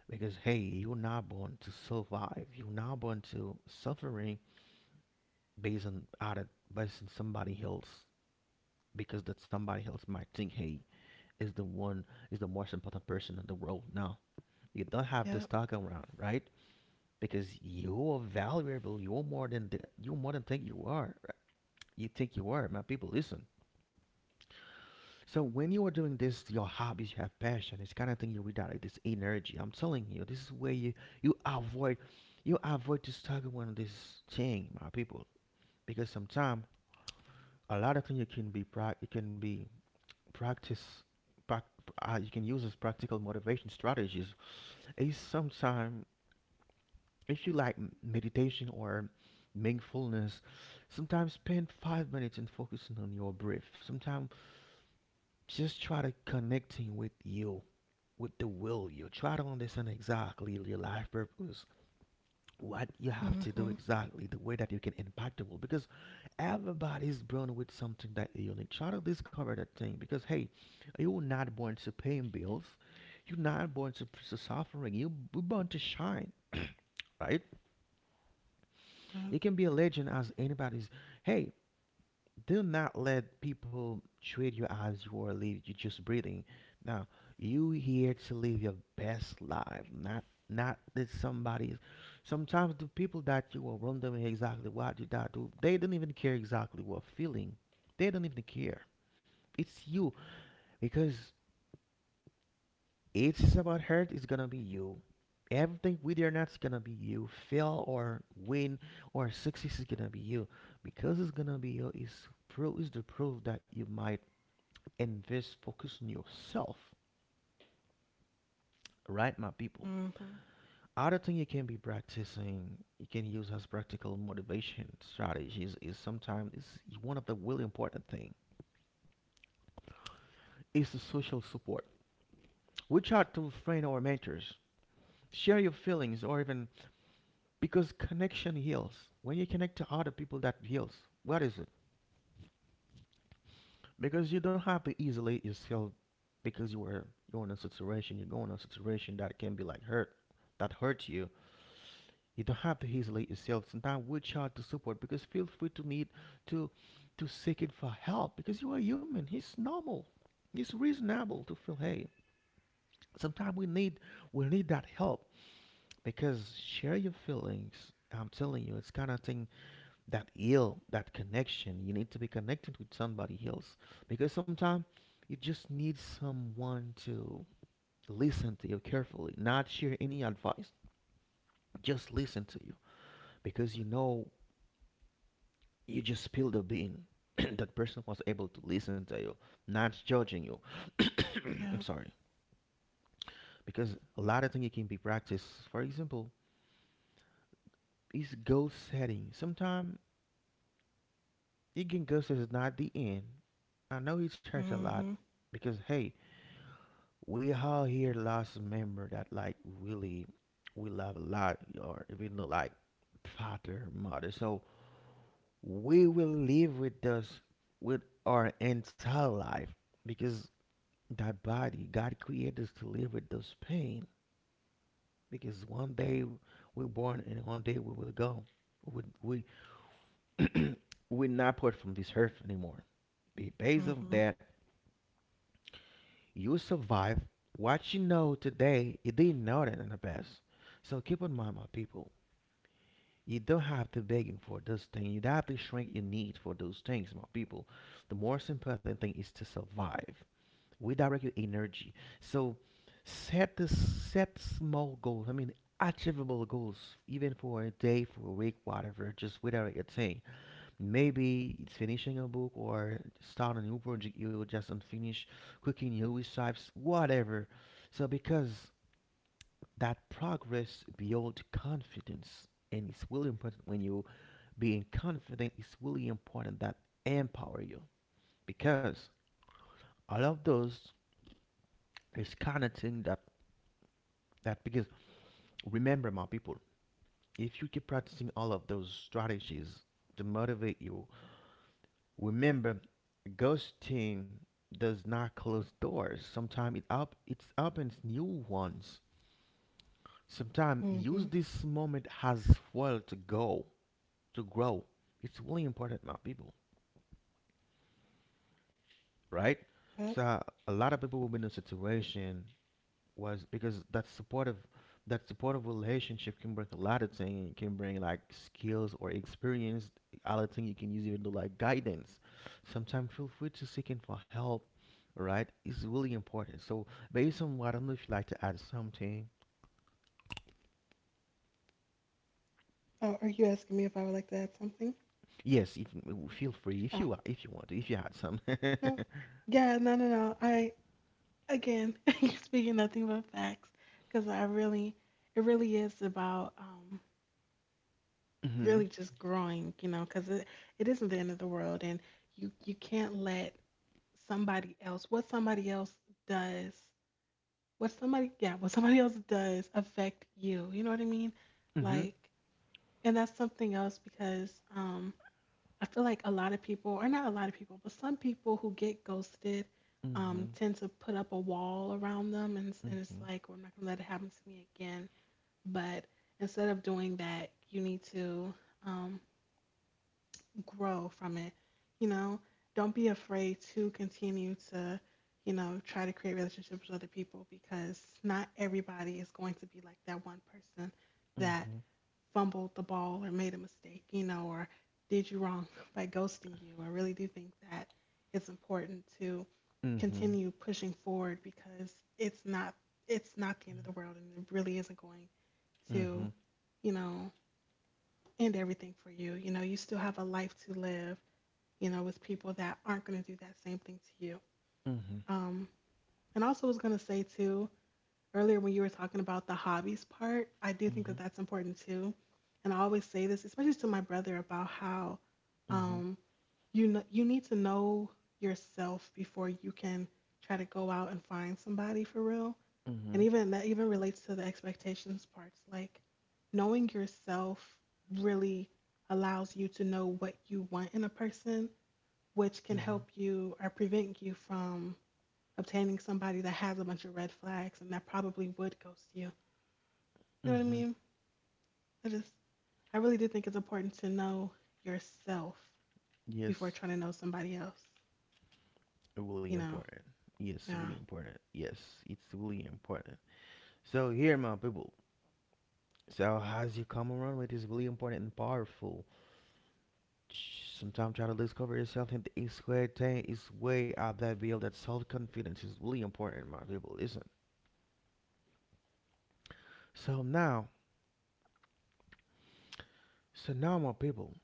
because hey you're not born to survive, you're not born to suffering based on out of based on somebody else, because that somebody else might think, hey, is the one, is the most important person in the world. No, you don't have to
Yep.
stalk around, right? Because you are valuable, you're more than the, you're more than think you are, right? You think you are, my people, listen. So when you are doing this, your hobbies, you have passion, it's kind of thing you redirect this energy. I'm telling you, this is where you you avoid, you avoid to struggle on this thing, my people. Because sometimes a lot of things you can be prac you can be practice prac- uh, you can use as practical motivation strategies is sometimes if you like m- meditation or mindfulness. Sometimes spend five minutes in focusing on your breath, sometimes just try to connecting with you, with the will. You try to understand exactly your life purpose, what you have to do
Hmm.
exactly, the way that you can impact the world. Because everybody's born with something that you need. Try to discover that thing. Because hey, you are not born to paying bills. You're not born to, to suffering. You were born to shine. Right? You
Yep.
can be a legend as anybody's. Hey, do not let people treat you as you are living. You're just breathing. Now you here to live your best life, not not that somebody's. Sometimes the people that you are around them exactly what you that do, they don't even care exactly what feeling. They don't even care. It's you because it's about hurt. It's gonna be you. Everything with your nut's is gonna be you. Fail or win or success is gonna be you because it's gonna be you. Is proof is the proof that you might invest focus on yourself, right my people?
Hmm.
Other thing you can be practicing, you can use as practical motivation strategies, is sometimes is one of the really important thing is the social support. Reach out to friends or mentors, share your feelings, or even because connection heals. When you connect to other people, that heals. What is it? Because you don't have to isolate yourself, because you were you're in a situation, you're going in a situation that can be like hurt, that hurts you. You don't have to isolate yourself. Sometimes we hard to support because feel free to need to to seek it for help because you are human. It's normal. It's reasonable to feel, hey, sometimes we need, we need that help. Because share your feelings, I'm telling you, it's kind of thing that heal, that connection. You need to be connected with somebody else, because sometimes you just need someone to listen to you carefully, not share any advice, just listen to you. Because you know, you just spilled a bean. [CLEARS THROAT] That person was able to listen to you, not judging you. [COUGHS] I'm
Yep.
sorry. Because a lot of things can be practiced. For example, it's goal setting. Sometimes it can go set is not the end. I know it's hurt a lot,
Hmm.
because hey, we all here lost a member that like really we love a lot, or even like father, mother. So we will live with this, with our entire life, because that body god created us to live with this pain. Because one day we're born and one day we will go, we, we [CLEARS THROAT] we're not part from this earth anymore. Be- based on
Hmm.
that, you survive. What you know today you didn't know that in the past. So keep in mind, my people, you don't have to begging for those things. You don't have to shrink your need for those things, my people. The most important thing is to survive. We direct your energy. So set this set small goals. I mean achievable goals, even for a day, for a week, whatever, just without a thing. Maybe it's finishing a book or start a new project you just unfinished, cooking new recipes, whatever. So because that progress builds confidence, and it's really important when you being confident. It's really important, that empower you, because all of those is kind of thing that that because remember, my people, if you keep practicing all of those strategies to motivate you, remember, ghosting does not close doors. Sometimes it up it opens new ones. Sometimes
Hmm.
use this moment as well to go to grow. It's really important, my people, right?
Yep.
So a lot of people will be in a situation was because that supportive, that supportive relationship can bring a lot of things. It can bring like skills or experience. Other thing you can use even to like guidance. Sometimes feel free to seeking for help. Right, it's really important. So based on what, I don't know if you'd like to add something.
Oh, are you asking me if I would like to add something?
Yes, if, feel free, if
Oh,
you wa- if you want to, if you had some. [LAUGHS] Mhm.
no. Yeah, no, no, no. I again, [LAUGHS] you're speaking nothing but facts because I really, it really is about, um, really just growing, you know, because it, it isn't the end of the world, and you you can't let somebody else what somebody else does what somebody yeah what somebody else does affect you. You know what I mean?
Mhm.
Like, and that's something else because, um, I feel like a lot of people, or not a lot of people, but some people who get ghosted,
Mhm.
um, tend to put up a wall around them, and, it's- and it's
Mhm.
like, well, I'm not gonna let it happen to me again. But instead of doing that, you need to, um, grow from it. You know, don't be afraid to continue to, you know, try to create relationships with other people because not everybody is going to be like that one person that
Mhm.
fumbled the ball or made a mistake, you know, or did you wrong [LAUGHS] by ghosting you. I really do think that it's important to
Mhm.
continue pushing forward because it's not it's not the end of the world and it really isn't going
Mhm.
to,
Mhm.
you know, end everything for you. You know, you still have a life to live, you know, with people that aren't going to do that same thing to you.
Mhm.
Um and also was going to say too, earlier when you were talking about the hobbies part, I do think that that's important too. And I always say this, especially to my brother, about how, um, you know, you need to know yourself before you can try to go out and find somebody for real.
Mhm. Mhm.
And even that even relates to the expectations parts. Like knowing yourself really allows you to know what you want in a person, which can
Mhm.
help you or prevent you from obtaining somebody that has a bunch of red flags and that probably would ghost you, you know what I
Mhm.
mean? I just, I really do think it's important to know yourself before
Yes,
trying to know somebody else.
really
You know?
important. Yes, really
Yeah.
important. Yes, it's really important. So here, my people. So as you come around with this really important and powerful, sometimes try to discover yourself in the square thing is way up, that build that self-confidence is really important, my people. Listen. So now, so now, my people,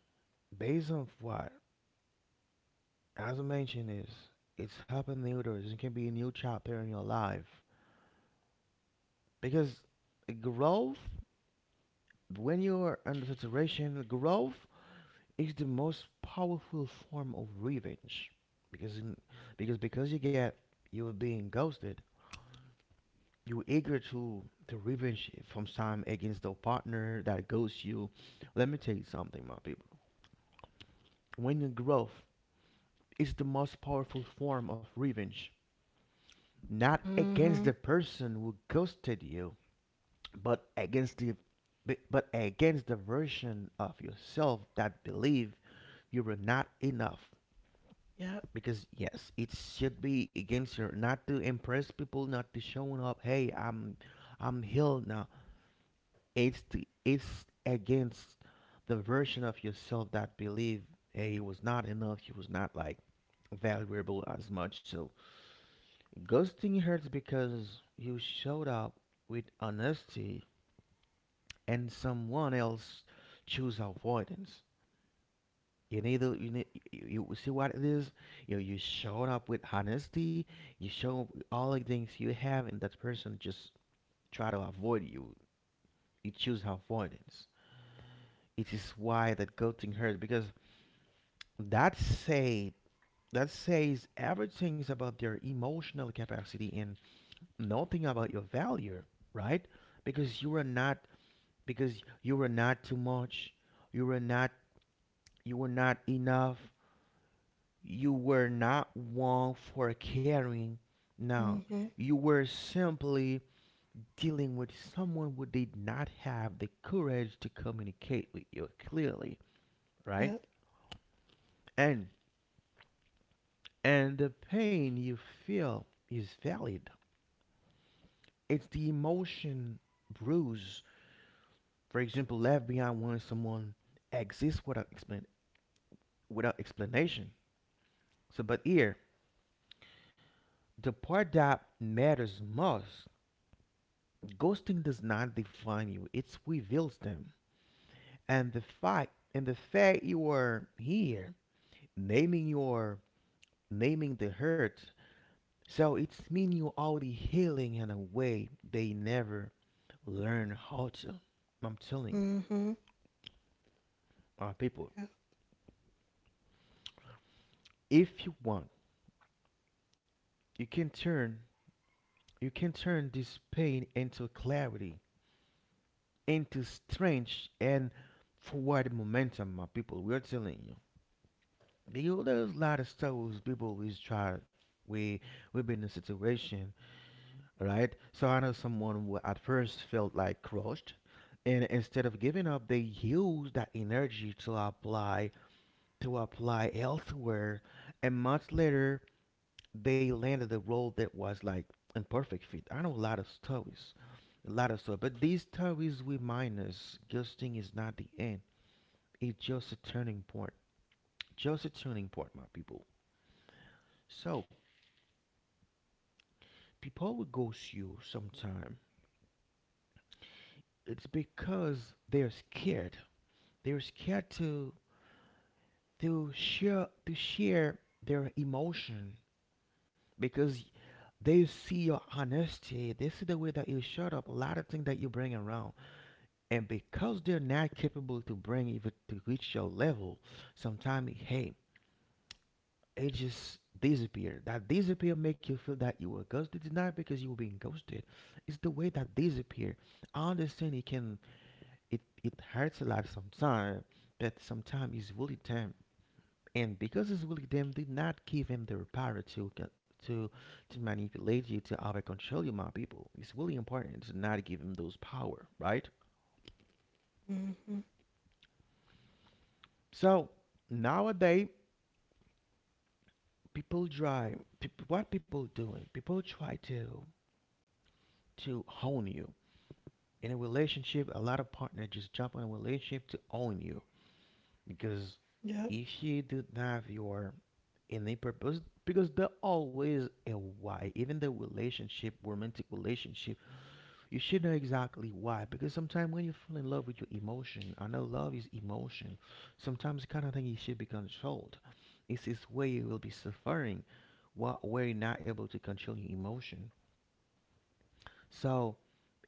based on what as I mentioned is, it's happened new doors. It can be a new chapter in your life, because growth, when you are under saturation, growth is the most powerful form of revenge. Because in, because because you get, you were being ghosted, you're eager to to revenge from time against the partner that ghosts you. Let me tell you something, my people, when you grow, is the most powerful form of revenge, not against
Mhm.
the person who ghosted you, but against the but but against the version of yourself that believe you were not enough.
Yep.
Because yes, it should be against your not to impress people, not to showing up, hey, i'm I'm healed now. It's the, it's against the version of yourself that believe, hey, he was not enough, he was not like valuable as much. So ghosting hurts because you showed up with honesty and someone else choose avoidance. You need to, you need, you, you see what it is. You know, you showed up with honesty. You show all the things you have, and that person just try to avoid you. You choose avoidance. It is why that goating hurts, because that say, that says everything's about their emotional capacity and nothing about your value, right? Because you were not because you were not too much. You were not you were not enough. You were not one for caring. No,
Mhm.
you were simply dealing with someone who did not have the courage to communicate with you clearly, right?
Yep.
And and the pain you feel is valid. It's the emotion bruise, for example, left behind when someone exists without explain without explanation. So, but here, the part that matters most, ghosting does not define you; it reveals them. And the fact and the fact you are here, naming your naming the hurt, so it's mean you already healing in a way they never learn how to. I'm telling you,
Mhm.
uh, people,
Yep.
if you want, you can turn you can turn this pain into clarity, into strength and forward momentum, my people, we're telling you. Because there's a lot of stories. People we try we We've been in a situation, right? So I know someone who at first felt like crushed, and instead of giving up, they used that energy to apply to apply elsewhere, and months later they landed the role that was like imperfect fit. I know a lot of stories, a lot of stories, but these stories remind us ghosting is not the end; it's just a turning point, just a turning point, my people. So people will ghost you sometime. It's because they're scared. They're scared to to share to share their emotion, because they see your honesty. They see the way that you shut up, a lot of things that you bring around, and because they're not capable to bring even to reach your level, sometimes hey, it just disappear. That disappear make you feel that you were ghosted. It's not because you were being ghosted. It's the way that disappear. I understand it can, it it hurts a lot sometimes, but sometimes it's really time. And because it's will, them did not give him the power to co- to to manipulate you, to over control you, my people. It's really important to not give him those power, right?
Mhm.
So nowadays, people try. People, what people doing? People try to to own you in a relationship. A lot of partners just jump on a relationship to own you, because
Yep.
if you do not have your any purpose, because there always a why. Even the relationship, romantic relationship, you should know exactly why, because sometimes when you fall in love with your emotion, I know love is emotion, sometimes the kind of thing you should be controlled. This is where you will be suffering. What, where you're not able to control your emotion. So,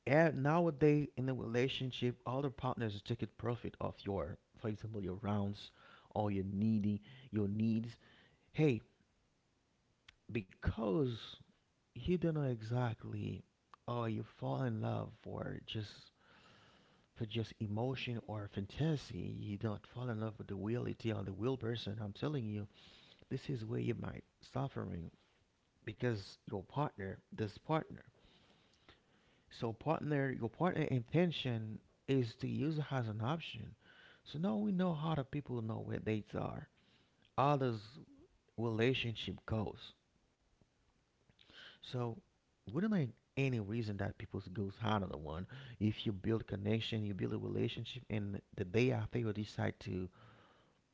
eh, nowadays in the relationship, other partners take taking profit of your, for example, your rounds, or your needy your needs, hey, because you don't know exactly, or you fall in love for just, for just emotion or fantasy. You don't fall in love with the reality or the real person. I'm telling you, this is where you might suffering, because your partner, this partner. So partner, your partner intention is to use it as an option. So now we know how the people know where dates are, others relationship goes. So would not like any reason that people goes out of the one. If you build connection, you build a relationship, and the day after you decide to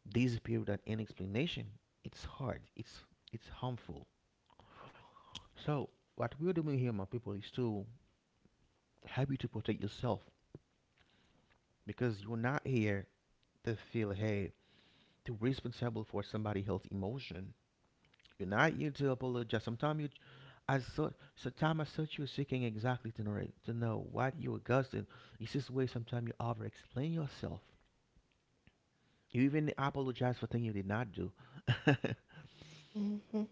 disappear without any explanation, it's hard. It's it's harmful. So what we're doing here, my people, is to help you to protect yourself because you're not here to feel hey to be responsible for somebody else's emotion. You're not here to apologize. Sometimes you, as so, sometimes as such, you're seeking exactly to know to know what you are gusting. It's this way. Sometimes you over explain yourself. You even apologize for things you did not do. [LAUGHS]
Mhm.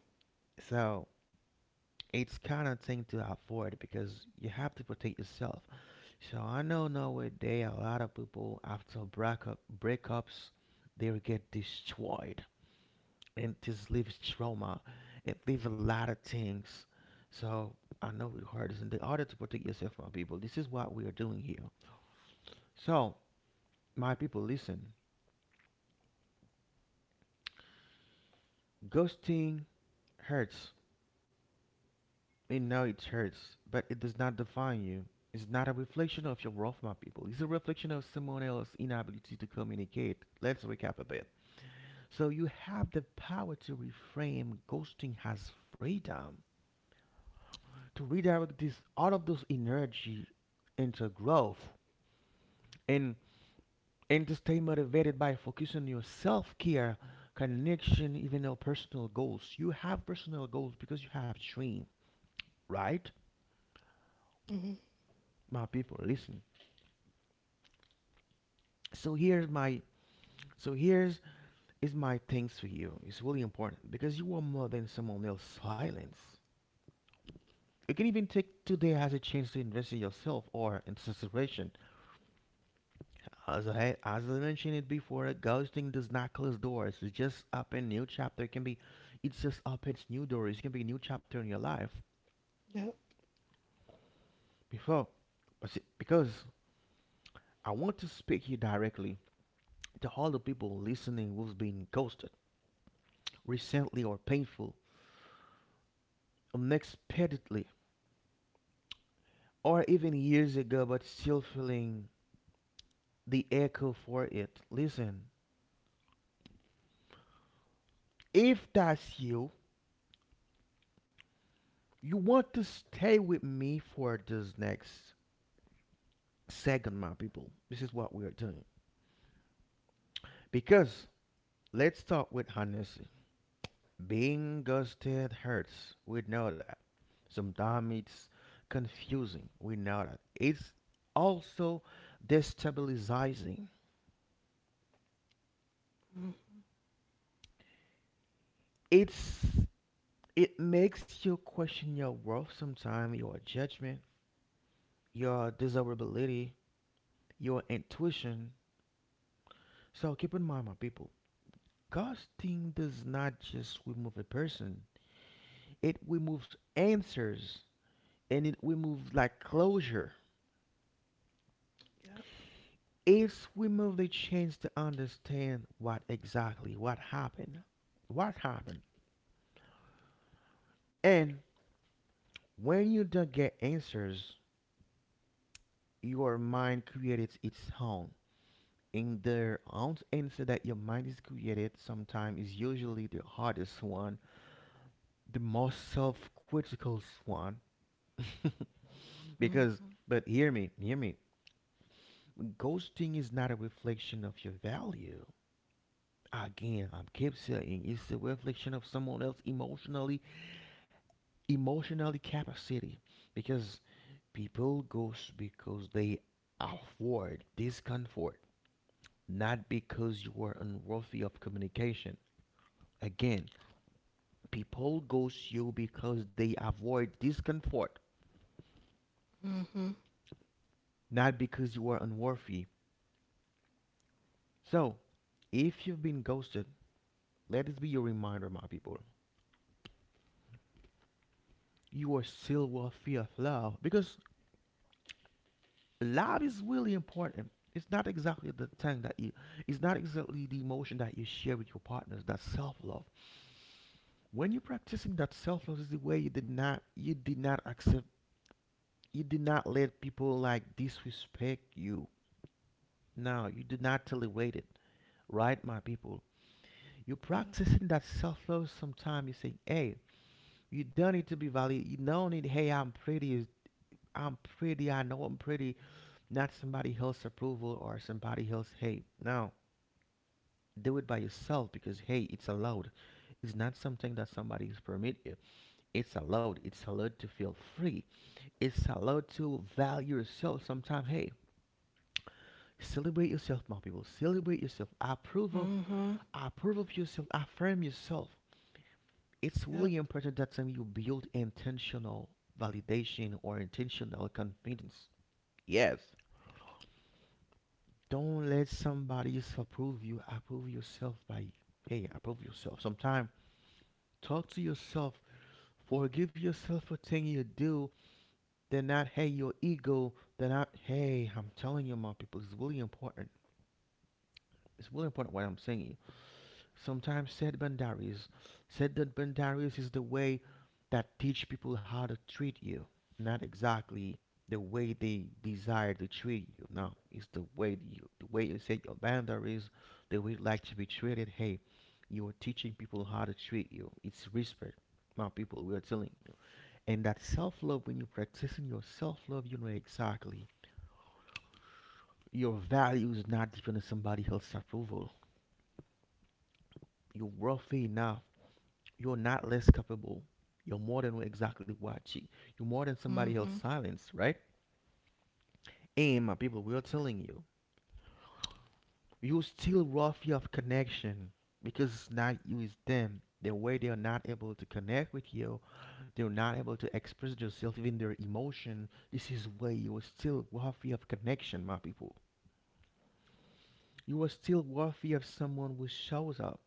So it's kind of thing to avoid because you have to protect yourself. So I know nowadays a lot of people after breakup breakups they will get destroyed and this leaves trauma. It leaves a lot of things. So I know it hurts and in order to protect yourself from people. This is what we are doing here. So my people listen. Ghosting hurts. I know it hurts, but it does not define you. It's not a reflection of your worth, my people. It's a reflection of someone else's inability to communicate. Let's recap a bit. So you have the power to reframe ghosting as freedom, to redirect this all of those energy into growth, and and to stay motivated by focusing on your self-care, connection, even your personal goals. You have personal goals because you have dream, right?
Mhm.
My people, listen. So here's my So here's is my thanks for you. It's really important because you are more than someone else's silence. You can even take today as a chance to invest in yourself or in situation. As I as I mentioned it before, ghosting does not close doors. It's just open new chapter. It can be, it's just opens new doors. It can be a new chapter in your life.
Yep.
Before, but see, because I want to speak here directly to all the people listening who's been ghosted recently or painful, unexpectedly or even years ago, but still feeling the echo for it. Listen, if that's you, you want to stay with me for this next second, my people. This is what we are doing. Because let's start with honesty. Being ghosted hurts. We know that. Sometimes it's confusing. We know that. It's also destabilizing.
Mhm.
It's it makes you question your worth sometimes, your judgment, your desirability, your intuition. So keep in mind, my people, casting does not just remove a person, it removes answers and it removes like closure.
Yep.
It's remove the chance to understand what exactly what happened. What happened? And when you don't get answers, your mind creates its own. And the own answer that your mind is created sometimes is usually the hardest one, the most self-critical one. [LAUGHS] Because
Mhm.
but hear me hear me ghosting is not a reflection of your value. Again, I keep saying it's a reflection of someone else emotionally, emotionally capacity. Because people ghost because they afford discomfort, not because you are unworthy of communication. Again, people ghost you because they avoid discomfort,
Mhm.
not because you are unworthy. So if you've been ghosted, let this be your reminder, my people. You are still worthy of love because love is really important. It's not exactly the thing that you, it's not exactly the emotion that you share with your partners. That self-love. When you're practicing that self-love, is the way you did not, you did not accept, you did not let people like disrespect you. Now you did not tolerate it, right, my people? You're
Yep.
practicing that self-love. Sometimes you say, "Hey, you don't need to be valued. You don't need, hey, I'm pretty. I'm pretty. I know I'm pretty. Not somebody else's approval or somebody else hate. No, do it by yourself because hey, it's allowed. It's not something that somebody's permit you. It's allowed. It's allowed to feel free. It's allowed to value yourself. Sometimes, hey, celebrate yourself, my people. Celebrate yourself. Approve of.
Mhm.
Approve of yourself. Affirm yourself. It's
Yep.
really important that time you build intentional validation or intentional confidence. Yes, don't let somebody else approve you. Approve yourself by, hey, approve yourself. Sometimes talk to yourself. Forgive yourself for things you do. Then not, hey, your ego. Then not, hey, I'm telling you, my people, it's really important. It's really important what I'm saying. Sometimes said boundaries. Said that boundaries is the way that teach people how to treat you, not exactly the way they desire to treat you. No, it's the way you, the way you set your boundaries, the way you like to be treated. Hey, you are teaching people how to treat you. It's respect. My people, we are telling you. And that self-love, when you're practicing your self-love, you know exactly your value is not dependent on somebody else's approval. You're worthy enough. You're not less capable. You're more than exactly what you. You're more than somebody else's
Mhm.
silence, right? And my people, we are telling you, you still roughy of connection because it's not you, it's them. The way they are not able to connect with you, they're not able to express themselves, even their emotion. This is why you are still worthy of connection, my people. You are still worthy of someone who shows up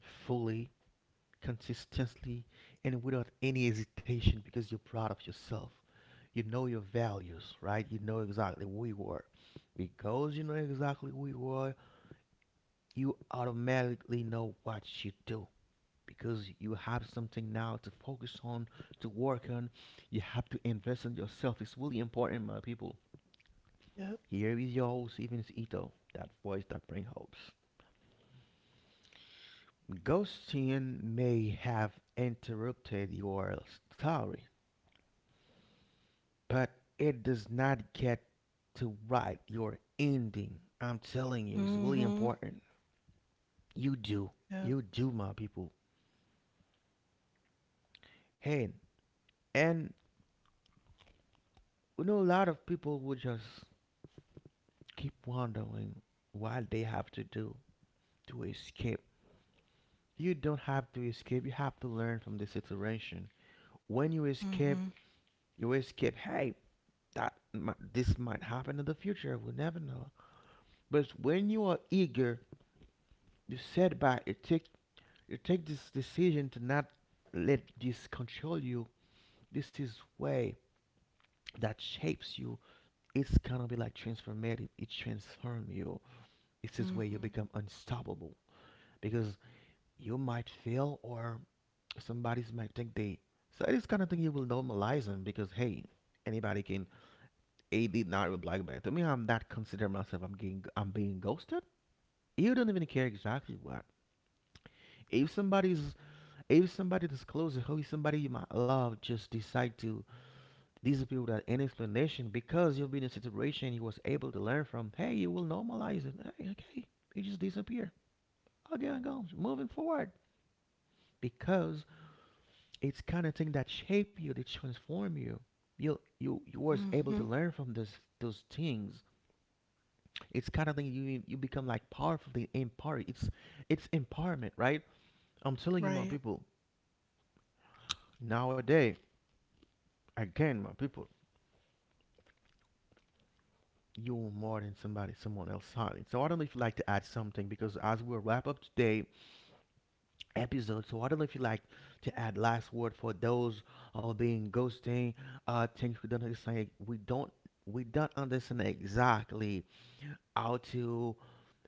fully, consistently, and without any hesitation because you're proud of yourself. You know your values, right? You know exactly who you are. Because you know exactly who you are, you automatically know what you do. Because you have something now to focus on, to work on. You have to invest in yourself. It's really important, my people.
Yep.
Here is your host, Evans Ito, that voice that brings hopes. Ghosting may have interrupted your story, but it does not get to write your ending. I'm telling you, it's really
Mhm.
important. You do.
Yep.
You do, my people. Hey, and we know a lot of people will just keep wondering what they have to do to escape. You don't have to escape, you have to learn from the situation. When you escape,
Mhm.
you escape. Hey, that mi- this might happen in the future, we'll never know. But when you are eager, you set back, you take you take this decision to not let this control you, this is way that shapes you. It's gonna be like transformative, it transform you. It's this way you
Mhm.
become unstoppable. Because you might fail or somebody's might think they. So this kind of thing you will normalize them because hey, anybody can, a did not reply back to me, I'm not consider myself, i'm getting I'm being ghosted. You don't even care exactly what. If somebody's, if somebody discloses who is somebody you might love just decide to these people that any explanation because you've been in a situation you was able to learn from. Hey, you will normalize it. Hey, okay, it just disappear. Okay, I'm going moving forward because it's kind of thing that shape you, that transform you. You you you was able to
Mhm.
learn from those those things. It's kind of thing you you become like powerful. Empowered. It's it's empowerment, right? I'm telling you, my
Right.
people. Nowadays, again, my people, you're more than somebody someone else hiding. So I don't know if you'd like to add something because as we wrap up today episode. So I don't know if you'd like to add last word for those who are being ghosting. Uh things we don't understand, we don't we don't understand exactly how to,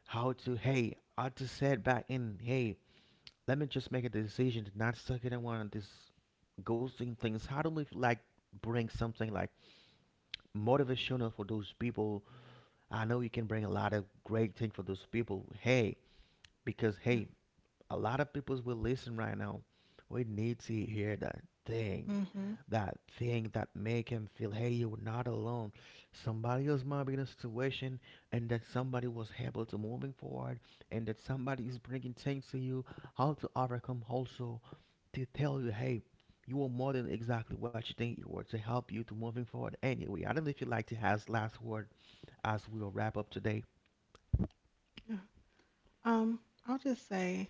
how to, hey, how to set back in, hey, let me just make a decision to not suck it in one of these ghosting things. How do we like bring something like motivational for those people? I know you can bring a lot of great things for those people. Hey, because
Yeah.
hey, a lot of people will listen right now. We need to hear that thing,
Mhm.
that thing that make him feel, hey, you're not alone. Somebody else might be in a situation, and that somebody was able to moving forward, and that somebody is bringing things to you, how to overcome also, to tell you, hey, you are more than exactly what you think you were to help you to moving forward. Anyway, I don't know if you like to have last word as we'll wrap up today.
Yeah. Um, I'll just say,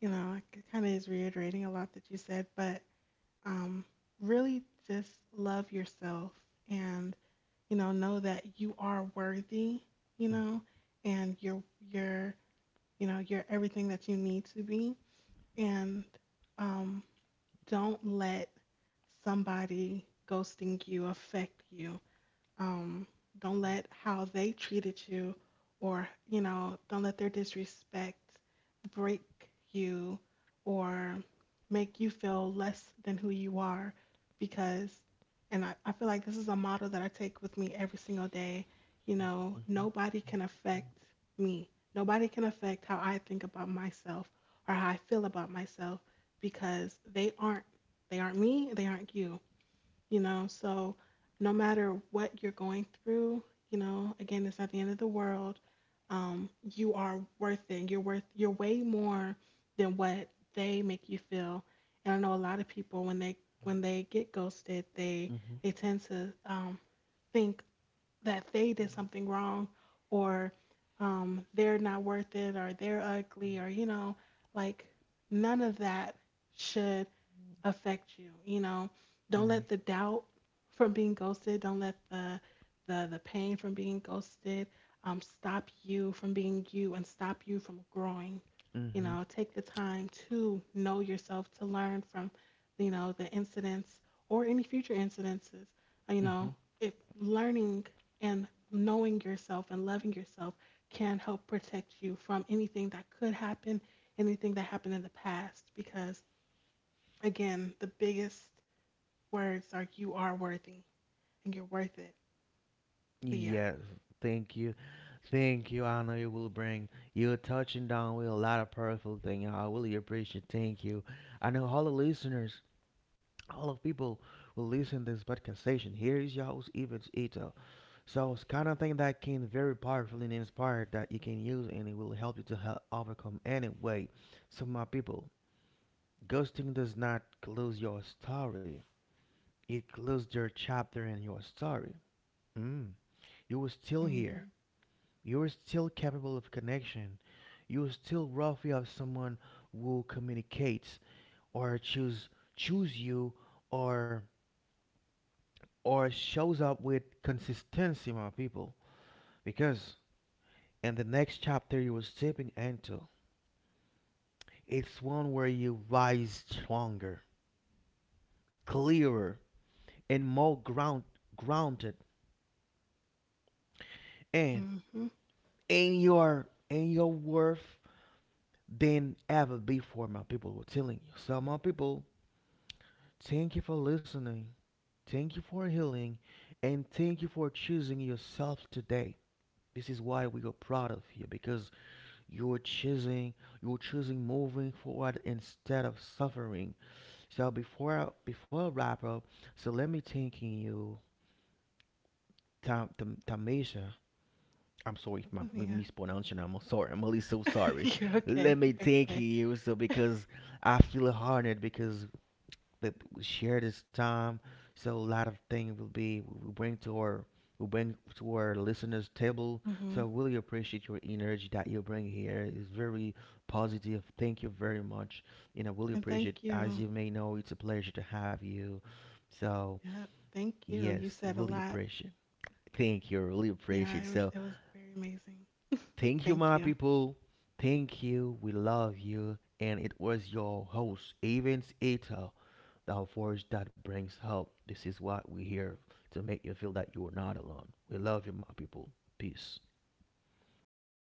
you know, it kind of is reiterating a lot that you said, but, um, really just love yourself and you know know that you are worthy, you
Mhm,
know, and you're you're you know you're everything that you need to be, and, um, don't let somebody ghosting you affect you, um, don't let how they treated you or, you know, don't let their disrespect break you or make you feel less than who you are because, and I, I feel like this is a motto that I take with me every single day. You know, nobody can affect me. Nobody can affect how I think about myself or how I feel about myself because they aren't they aren't me, they aren't you, you know. So, no matter what you're going through, you know, again, it's not the end of the world. Um, you are worth it. You're worth. You're way more than what they make you feel. And I know a lot of people when they when they get ghosted, they
mhm,
they tend to, um, think that they did something wrong, or, um, they're not worth it, or they're ugly, or you know, like none of that should affect you. You know, don't
mhm,
let the doubt from being ghosted, don't let the the the pain from being ghosted, um, stop you from being you and stop you from growing. You
mhm,
know, take the time to know yourself to learn from you know the incidents or any future incidences. You
mhm.
know, if learning and knowing yourself and loving yourself can help protect you from anything that could happen anything that happened in the past because again, the biggest words are you are worthy and you're worth it. But yeah.
Yes, thank you, thank you. I know you will bring. You're touching down with a lot of powerful thing. I really appreciate. Thank you. I know all the listeners, all of people will listen this podcast station. Here is your host, Evans Ito. So it's kind of thing that can very powerful and inspired that you can use, and it will help you to help overcome any way. So my people, ghosting does not close your story. It closed their chapter in your story. Mm. You were still here.
Mhm.
You were still capable of connection. You were still roughly of someone who communicates or choose choose you or or shows up with consistency, my people. Because in the next chapter you were stepping into, it's one where you rise stronger, clearer, and more ground grounded, and
Mhm.
in your in your worth than ever before, my people were telling you. So, my people, thank you for listening, thank you for healing, and thank you for choosing yourself today. This is why we are proud of you because you're
Yes.
choosing, you're choosing moving forward instead of suffering. So before I, before I wrap up, so let me thanking you, Tam, Tam, Tamisha. I'm sorry if my
So, yeah,
mispronouncing. I'm sorry. I'm really so
[LAUGHS]
sorry.
you're
Let
okay.
me
You're
thank
okay.
you. So
[LAUGHS]
because I feel honored because that we share this time. So a lot of things will be we bring to our we bring to our listeners' table.
Mhm.
So I really appreciate your energy that you bring here. It's very positive. Thank you very much. And I really
And
appreciate.
thank
As
you.
you may know, it's a pleasure to have you. So
Yeah. Thank you. You
yes, I
said a
really
lot.
appreciate. Thank you. I really
Yeah,
appreciate.
it was
So
it was very amazing.
thank you,
Thank
my
you.
people. Thank you. We love you. And it was your host, Evans Ito. Thou forge that brings help. This is what we here to make you feel that you are not alone. We love you, my people. Peace. Okay.